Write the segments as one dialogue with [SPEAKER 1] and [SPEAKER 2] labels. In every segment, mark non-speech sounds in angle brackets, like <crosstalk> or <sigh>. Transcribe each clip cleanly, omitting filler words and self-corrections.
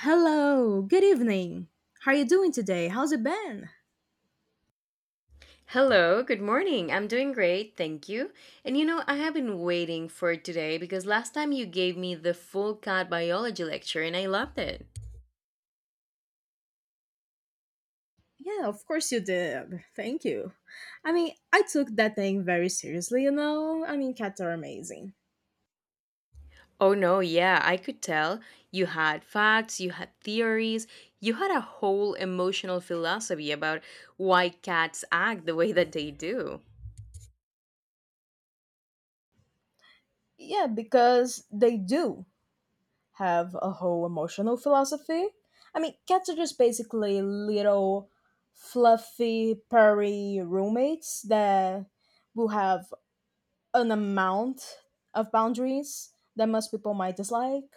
[SPEAKER 1] Hello, good evening. How are you doing today? How's it been?
[SPEAKER 2] Hello, good morning. I'm doing great, thank you. And you know, I have been waiting for today because last time you gave me the full cat biology lecture and I loved it.
[SPEAKER 1] Yeah, of course you did. Thank you. I mean, I took that thing very seriously, you know? I mean, cats are amazing.
[SPEAKER 2] Oh no, yeah, I could tell. You had facts, you had theories, you had a whole emotional philosophy about why cats act the way that they do.
[SPEAKER 1] Yeah, because they do have a whole emotional philosophy. I mean, cats are just basically little fluffy, purry roommates that will have an amount of boundaries that most people might dislike.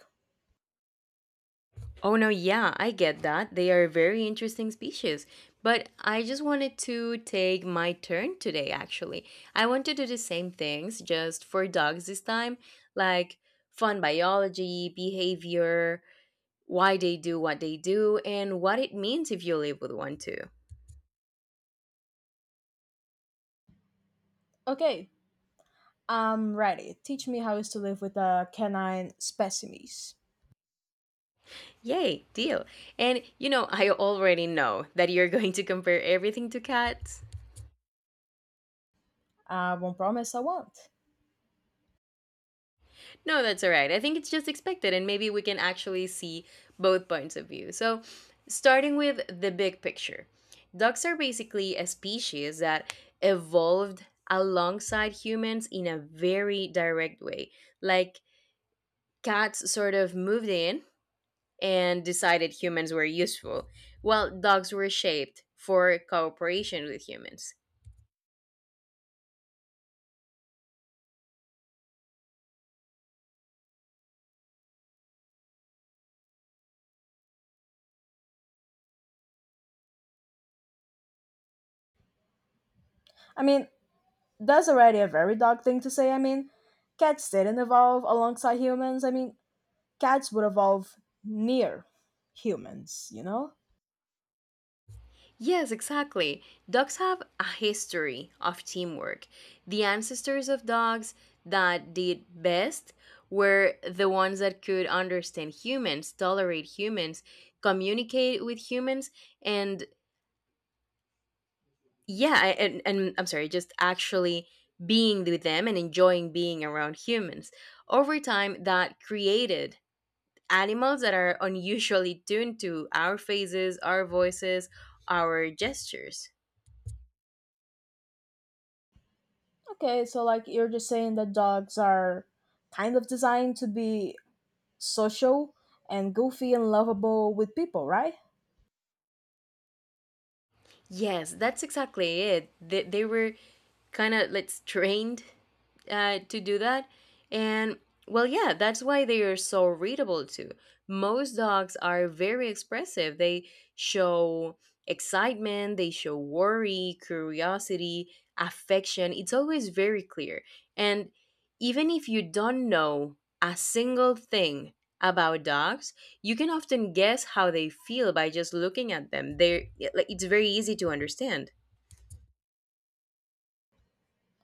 [SPEAKER 2] Oh no, yeah, I get that. They are very interesting species. But I just wanted to take my turn today, actually. I want to do the same things, just for dogs this time, like fun biology, behavior, why they do what they do, and what it means if you live with one too.
[SPEAKER 1] Okay, I'm ready. Teach me how is to live with canine specimens.
[SPEAKER 2] Yay, deal. And you know, I already know that you're <laughs> going to compare everything to cats.
[SPEAKER 1] I won't promise I won't.
[SPEAKER 2] No, that's all right. I think it's just expected, and maybe we can actually see both points of view. So, starting with the big picture, ducks are basically a species that evolved alongside humans in a very direct way. Like, cats sort of moved in and decided humans were useful, while dogs were shaped for cooperation with humans.
[SPEAKER 1] I mean, that's already a very dog thing to say. I mean, cats didn't evolve alongside humans. I mean, cats would evolve near humans, you know?
[SPEAKER 2] Yes, exactly. Dogs have a history of teamwork. The ancestors of dogs that did best were the ones that could understand humans, tolerate humans, communicate with humans, and yeah, and I'm sorry, just actually being with them and enjoying being around humans. Over time, that created animals that are unusually tuned to our faces, our voices, our gestures.
[SPEAKER 1] Okay, so like you're just saying that dogs are kind of designed to be social and goofy and lovable with people, right?
[SPEAKER 2] Yes, that's exactly it. They were kind of like trained to do that. And well, yeah, that's why they are so readable too. Most dogs are very expressive. They show excitement, they show worry, curiosity, affection. It's always very clear. And even if you don't know a single thing about dogs, you can often guess how they feel by just looking at them. They're like it's very easy to understand.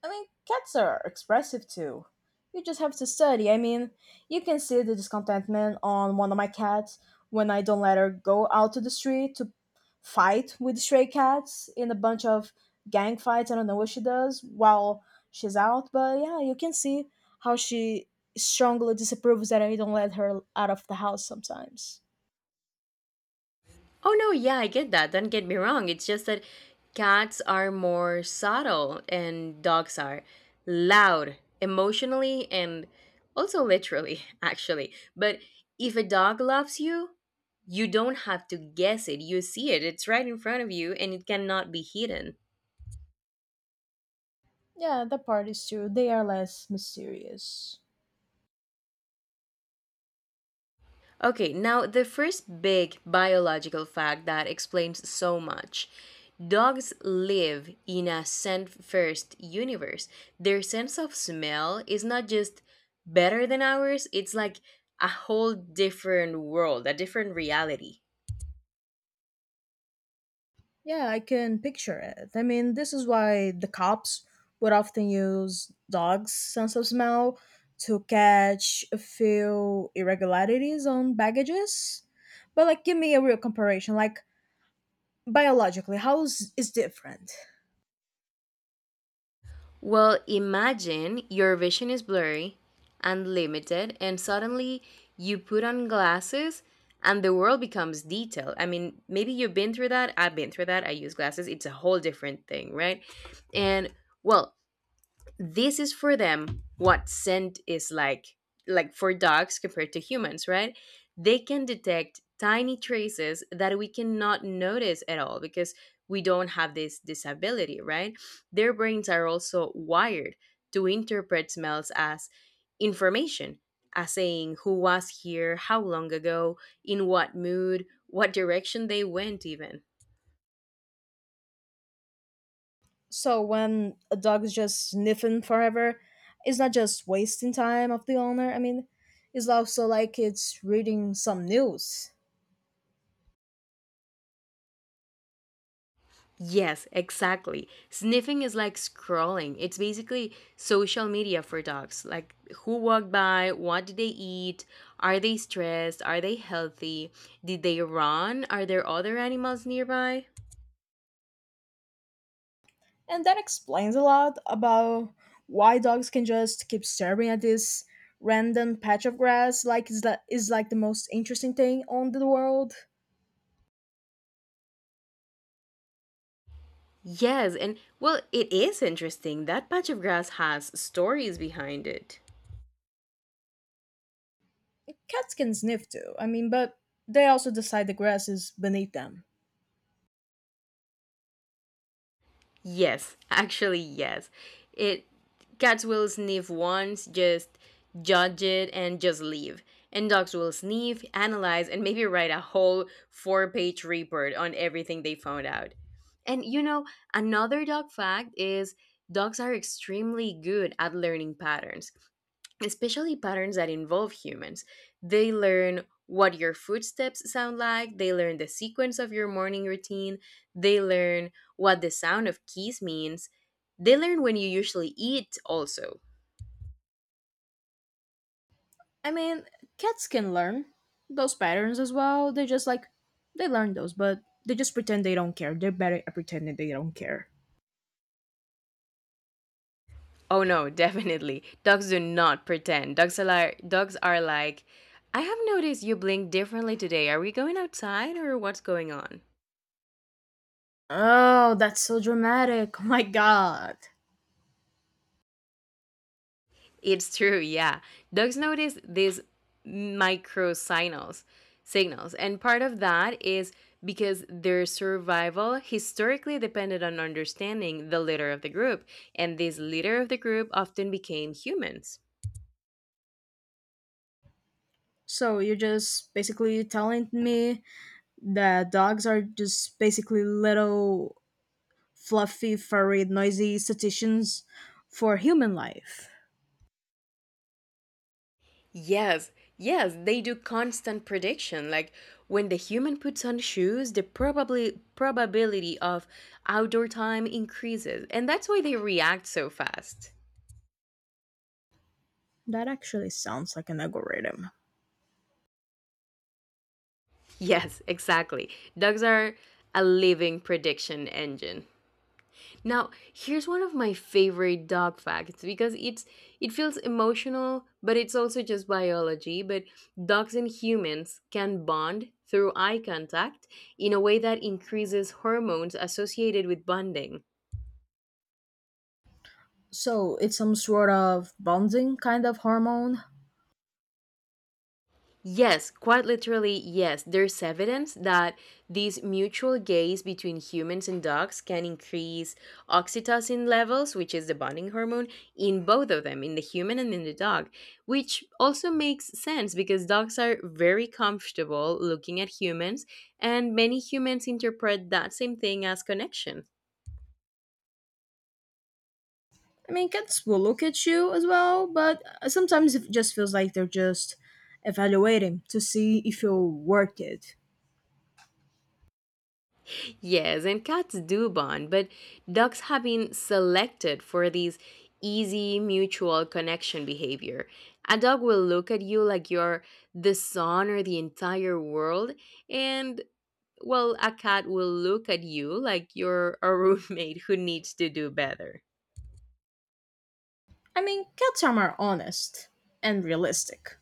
[SPEAKER 1] I mean, cats are expressive too. You just have to study. I mean, you can see the discontentment on one of my cats when I don't let her go out to the street to fight with stray cats in a bunch of gang fights. I don't know what she does while she's out, but yeah, you can see how she strongly disapproves that I don't let her out of the house sometimes.
[SPEAKER 2] Oh no, yeah, I get that. Don't get me wrong. It's just that cats are more subtle and dogs are loud emotionally and also literally, <laughs> actually. But if a dog loves you, you don't have to guess it. You see it. It's right in front of you and it cannot be hidden.
[SPEAKER 1] Yeah, that part is true. They are less mysterious.
[SPEAKER 2] Okay, now the first big biological fact that explains so much. Dogs live in a scent first universe. Their sense of smell is not just better than ours, it's like a whole different world, a different reality.
[SPEAKER 1] Yeah, I can picture it. I mean, this is why the cops would often use dogs' sense of smell to catch a few irregularities on baggages. But, like, give me a real comparison. Like, biologically, how is different?
[SPEAKER 2] Well, imagine your vision is blurry and limited, and suddenly you put on glasses and the world becomes detailed. I mean, maybe you've been through that. I've been through that. I use glasses. It's a whole different thing, right? And well, this is for them what scent is like for dogs compared to humans, right? They can detect tiny traces that we cannot notice at all because we don't have this disability, right? Their brains are also wired to interpret smells as information, as saying who was here, how long ago, in what mood, what direction they went even.
[SPEAKER 1] So, when a dog is just sniffing forever, it's not just wasting time of the owner. I mean, it's also like it's reading some news.
[SPEAKER 2] Yes, exactly. Sniffing is like scrolling. It's basically social media for dogs. Like who walked by, what did they eat, are they stressed, are they healthy, did they run, are there other animals nearby?
[SPEAKER 1] And that explains a lot about why dogs can just keep staring at this random patch of grass like is that is like the most interesting thing on the world.
[SPEAKER 2] Yes, and well, it is interesting. That patch of grass has stories behind it.
[SPEAKER 1] Cats can sniff too. I mean, but they also decide the grass is beneath them.
[SPEAKER 2] Yes, actually, yes. It cats will sniff once, just judge it, and just leave. And dogs will sniff, analyze, and maybe write a whole four-page report on everything they found out. And you know, another dog fact is dogs are extremely good at learning patterns, especially patterns that involve humans. They learn what your footsteps sound like, they learn the sequence of your morning routine, they learn what the sound of keys means, they learn when you usually eat also.
[SPEAKER 1] I mean, cats can learn those patterns as well. They just like they learn those, but they just pretend they don't care. They're better at pretending they don't care.
[SPEAKER 2] Oh no, <laughs> definitely. Dogs do not pretend. Dogs are like I have noticed you blink differently today. Are we going outside or what's going on?
[SPEAKER 1] Oh, that's so dramatic. <laughs> Oh my god.
[SPEAKER 2] It's true, yeah. Dogs notice these micro signals, and part of that is because their survival historically depended on understanding the leader of the group, and this leader of the group often became humans.
[SPEAKER 1] So you're just basically telling me that dogs are just basically little fluffy, furry, noisy statisticians for human life.
[SPEAKER 2] Yes, yes, they do constant prediction. Like when the human puts on shoes, the probably probability of outdoor time increases, and that's why they react so fast.
[SPEAKER 1] That actually sounds like an algorithm.
[SPEAKER 2] Yes, exactly. Dogs are a living prediction engine. Now, here's one of my favorite dog facts because it feels emotional, but it's also just biology, but dogs and humans can bond through eye contact in a way that increases hormones associated with bonding.
[SPEAKER 1] So it's some sort of bonding kind of hormone.
[SPEAKER 2] Yes, quite literally, yes. There's evidence that this mutual gaze between humans and dogs can increase oxytocin levels, which is the bonding hormone, in both of them, in the human and in the dog, which also makes sense because dogs are very comfortable looking at humans, and many humans interpret that same thing as connection.
[SPEAKER 1] I mean, cats will look at you as well, but sometimes it just feels like they're just evaluating to see if you're worth it.
[SPEAKER 2] Yes, and cats do bond, but dogs have been selected for these easy mutual connection behavior. A dog will look at you like you're the sun or the entire world, and well, a cat will look at you like you're a <laughs> roommate who needs to do better.
[SPEAKER 1] I mean, cats are more honest and realistic.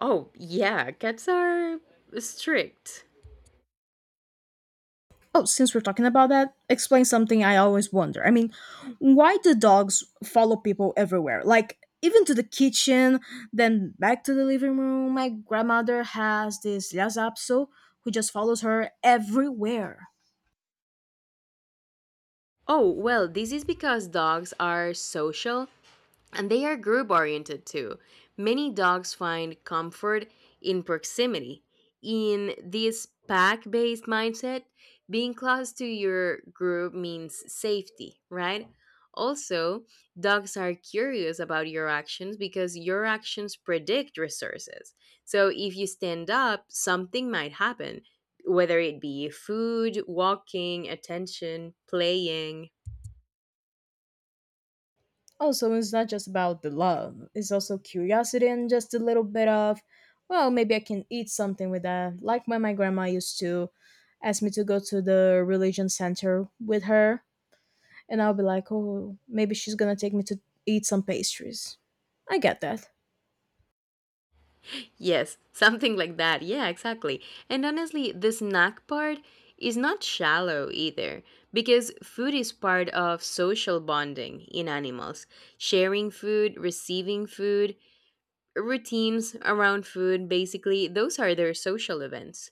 [SPEAKER 2] Oh, yeah, cats are strict.
[SPEAKER 1] Oh, since we're talking about that, explain something I always wonder. I mean, why do dogs follow people everywhere? Like, even to the kitchen, then back to the living room. My grandmother has this lhasa apso who just follows her everywhere.
[SPEAKER 2] Oh, well, this is because dogs are social and they are group oriented too. Many dogs find comfort in proximity. In this pack based mindset, being close to your group means safety, right? Also, dogs are curious about your actions because your actions predict resources. So, if you stand up, something might happen, whether it be food, walking, attention, playing.
[SPEAKER 1] Also, it's not just about the love, it's also curiosity and just a little bit of, well, maybe I can eat something with that. Like when my grandma used to ask me to go to the religion center with her and I'll be like, oh, maybe she's gonna take me to eat some pastries. I get that.
[SPEAKER 2] Yes, <laughs> something like that. Yeah, exactly. And honestly, the snack part is not shallow either, because food is part of social bonding in animals. Sharing food, receiving food, routines around food, basically, those are their social events.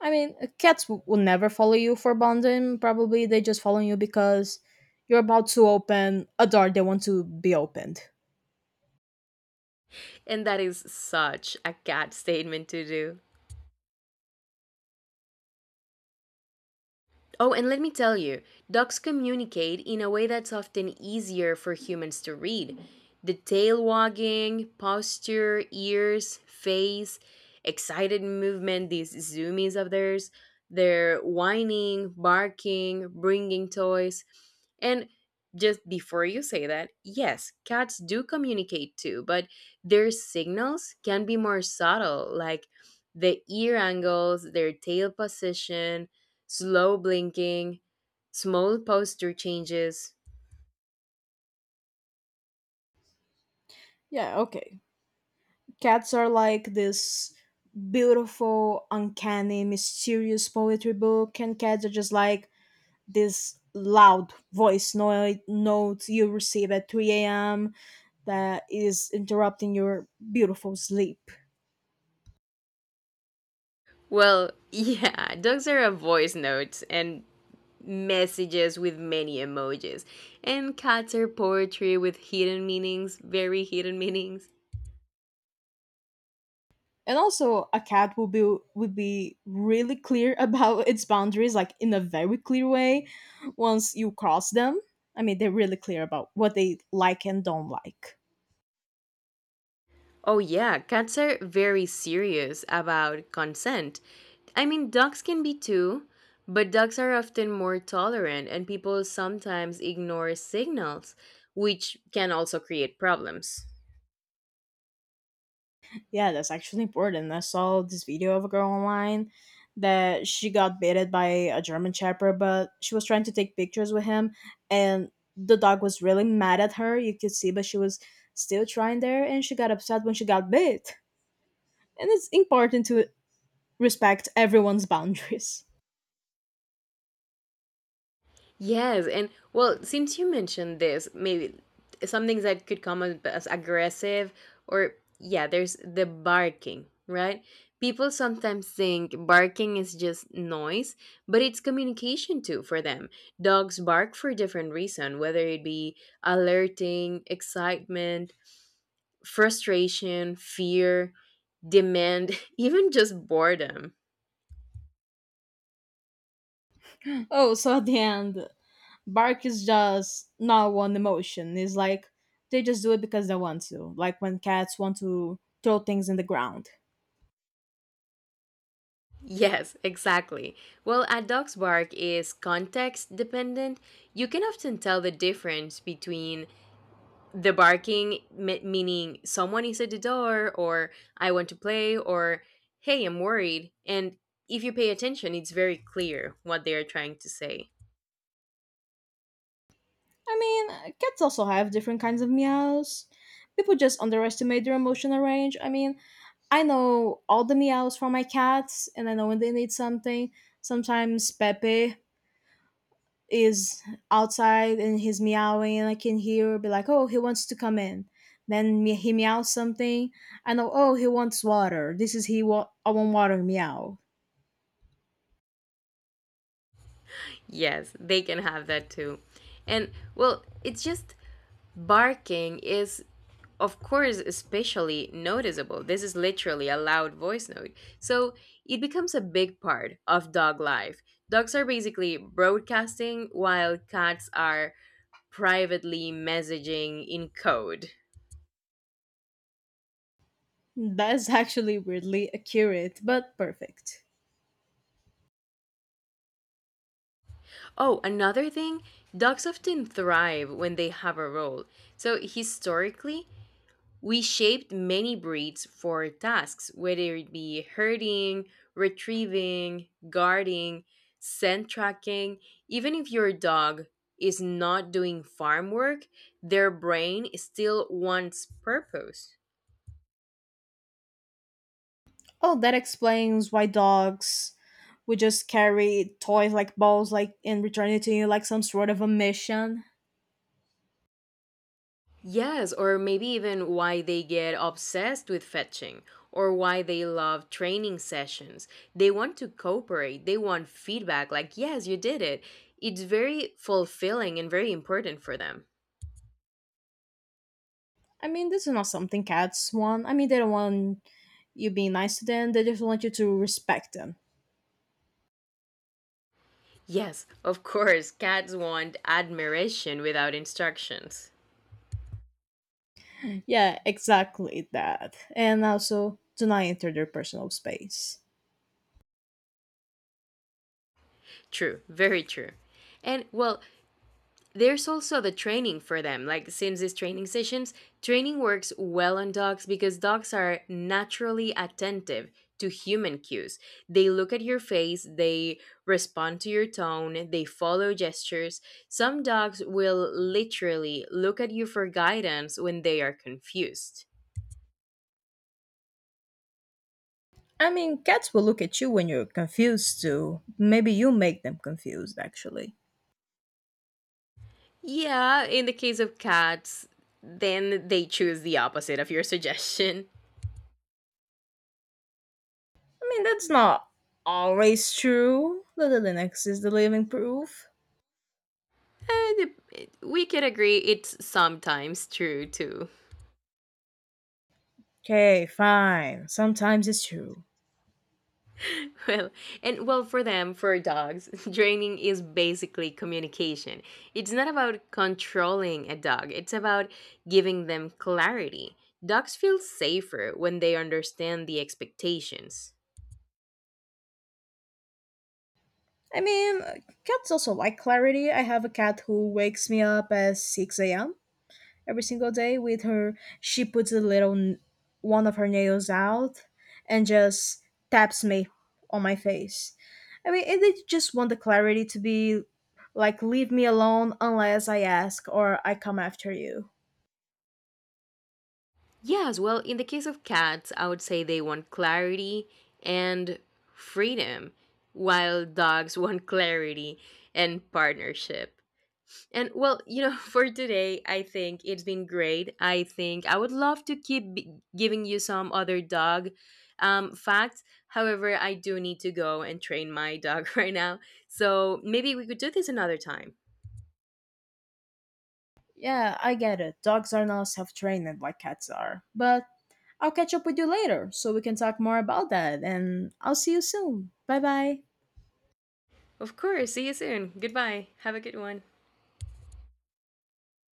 [SPEAKER 1] I mean, cats will never follow you for bonding. Probably they just follow you because you're about to open a door they want to be opened.
[SPEAKER 2] And that is such a cat <laughs> statement to do. Oh, and let me tell you, dogs communicate in a way that's often easier for humans to read. The tail wagging, posture, ears, face, excited movement, these zoomies of theirs, their whining, barking, bringing toys. And just before you say that, yes, cats do communicate too, but their signals can be more subtle, like the ear angles, their tail position, slow blinking, small posture changes.
[SPEAKER 1] Yeah, okay. Cats are like this beautiful, uncanny, mysterious poetry book, and cats are just like this loud voice note you receive at 3 a.m. that is interrupting your beautiful sleep.
[SPEAKER 2] Well, <laughs> yeah, dogs are a voice notes and messages with many emojis, and cats are poetry with hidden meanings, very hidden meanings.
[SPEAKER 1] And also, a cat will be would be really clear about <laughs> its boundaries, like in a very clear way. Once you cross them, I mean, they're really clear about what they like and don't like.
[SPEAKER 2] Oh, yeah, cats are very serious about consent. I mean, dogs can be too, but dogs are often more tolerant, and people sometimes ignore signals, which can also create problems.
[SPEAKER 1] Yeah, that's actually important. I saw this video of a girl online that she got baited by a German Shepherd, but she was trying to take pictures with him, and the dog was really mad at her. You could see, but she was still trying there, and she got upset when she got bit. And it's important to respect everyone's <laughs> boundaries.
[SPEAKER 2] Yes, and well, since you mentioned this, maybe some things that could come up as aggressive or yeah, there's the barking, right? People sometimes think barking is just noise, but it's communication too for them. Dogs bark for a different reason, whether it be alerting, excitement, frustration, fear, demand, <laughs> even just boredom.
[SPEAKER 1] Oh, so at the end, bark is just not one emotion. It's like they just do it because they want to, like when cats want to throw things in the ground.
[SPEAKER 2] Yes, exactly. Well, a dog's bark is context dependent. You can often tell the difference between the barking, meaning someone is at the door, or I want to play, or hey, I'm worried. And if you pay attention, it's very clear what they are trying to say.
[SPEAKER 1] I mean, cats also have different kinds of meows. People just underestimate their emotional range. I mean, I know all the meows from my cats, and I know when they need something. Sometimes Pepe is outside and he's meowing, and I can hear, be like, oh, he wants to come in. Then he meows something. I know, oh, he wants water. This is he, I want water meow.
[SPEAKER 2] Yes, they can have that too. And well, it's just barking is, of course, especially noticeable. This is literally a loud voice note. So it becomes a big part of dog life. Dogs are basically broadcasting while cats are privately messaging in code.
[SPEAKER 1] That's <laughs> actually weirdly accurate, but perfect.
[SPEAKER 2] Oh, another thing, dogs often thrive when they have a role. So historically, we shaped many breeds for tasks, whether it be herding, retrieving, guarding, scent tracking. Even if your dog is not doing farm work, their brain still wants purpose.
[SPEAKER 1] Oh, that explains why dogs would just carry toys like balls like and return it to you like some sort of a mission.
[SPEAKER 2] Yes, or maybe even why they get obsessed with fetching or why they love training sessions. They want to cooperate, they want feedback like, yes, you did it. It's very fulfilling and very important for them.
[SPEAKER 1] I mean, this is not something cats want. I mean, they don't want you being nice to them. They just want you to respect them.
[SPEAKER 2] Yes, of course, cats want admiration without instructions.
[SPEAKER 1] Yeah, exactly that. And also do not enter their personal space.
[SPEAKER 2] True, very true. And well, there's also the training for them. Like, since these training sessions, training works well on dogs because dogs are naturally attentive to human cues. They look at your face, they respond to your tone, they follow gestures. Some dogs will literally look at you for guidance when they are confused.
[SPEAKER 1] I mean, cats will look at you when you're confused too. Maybe you make them confused actually.
[SPEAKER 2] Yeah, in the case of cats, then they choose the opposite of your suggestion. <laughs>
[SPEAKER 1] I mean, that's not always true. The Linux is the living proof.
[SPEAKER 2] And we can agree it's sometimes true too.
[SPEAKER 1] Okay, fine. Sometimes it's true.
[SPEAKER 2] <laughs> Well, and well for them, for dogs, <laughs> training is basically communication. It's not about controlling a dog, it's about giving them clarity. Dogs feel safer when they understand the expectations.
[SPEAKER 1] I mean, cats also like clarity. I have a cat who wakes me up at 6 a.m. every single day with her. She puts a little one of her nails out and just taps me on my face. I mean, and they just want the clarity to be like, leave me alone unless I ask or I come after you.
[SPEAKER 2] Yes, well, in the case of cats, I would say they want clarity and freedom, while dogs <laughs> want clarity and partnership. And well, you know, <laughs> for today, I think it's been great. I think I would love to keep giving you some other dog facts. However, I do need to go and train my dog <laughs> right now. So maybe we could do this another time.
[SPEAKER 1] Yeah, I get it. Dogs are not self trained like cats are. But I'll catch up with you later so we can talk more about that, and I'll see you soon. Bye bye.
[SPEAKER 2] Of course. See you soon. Goodbye. Have a good one.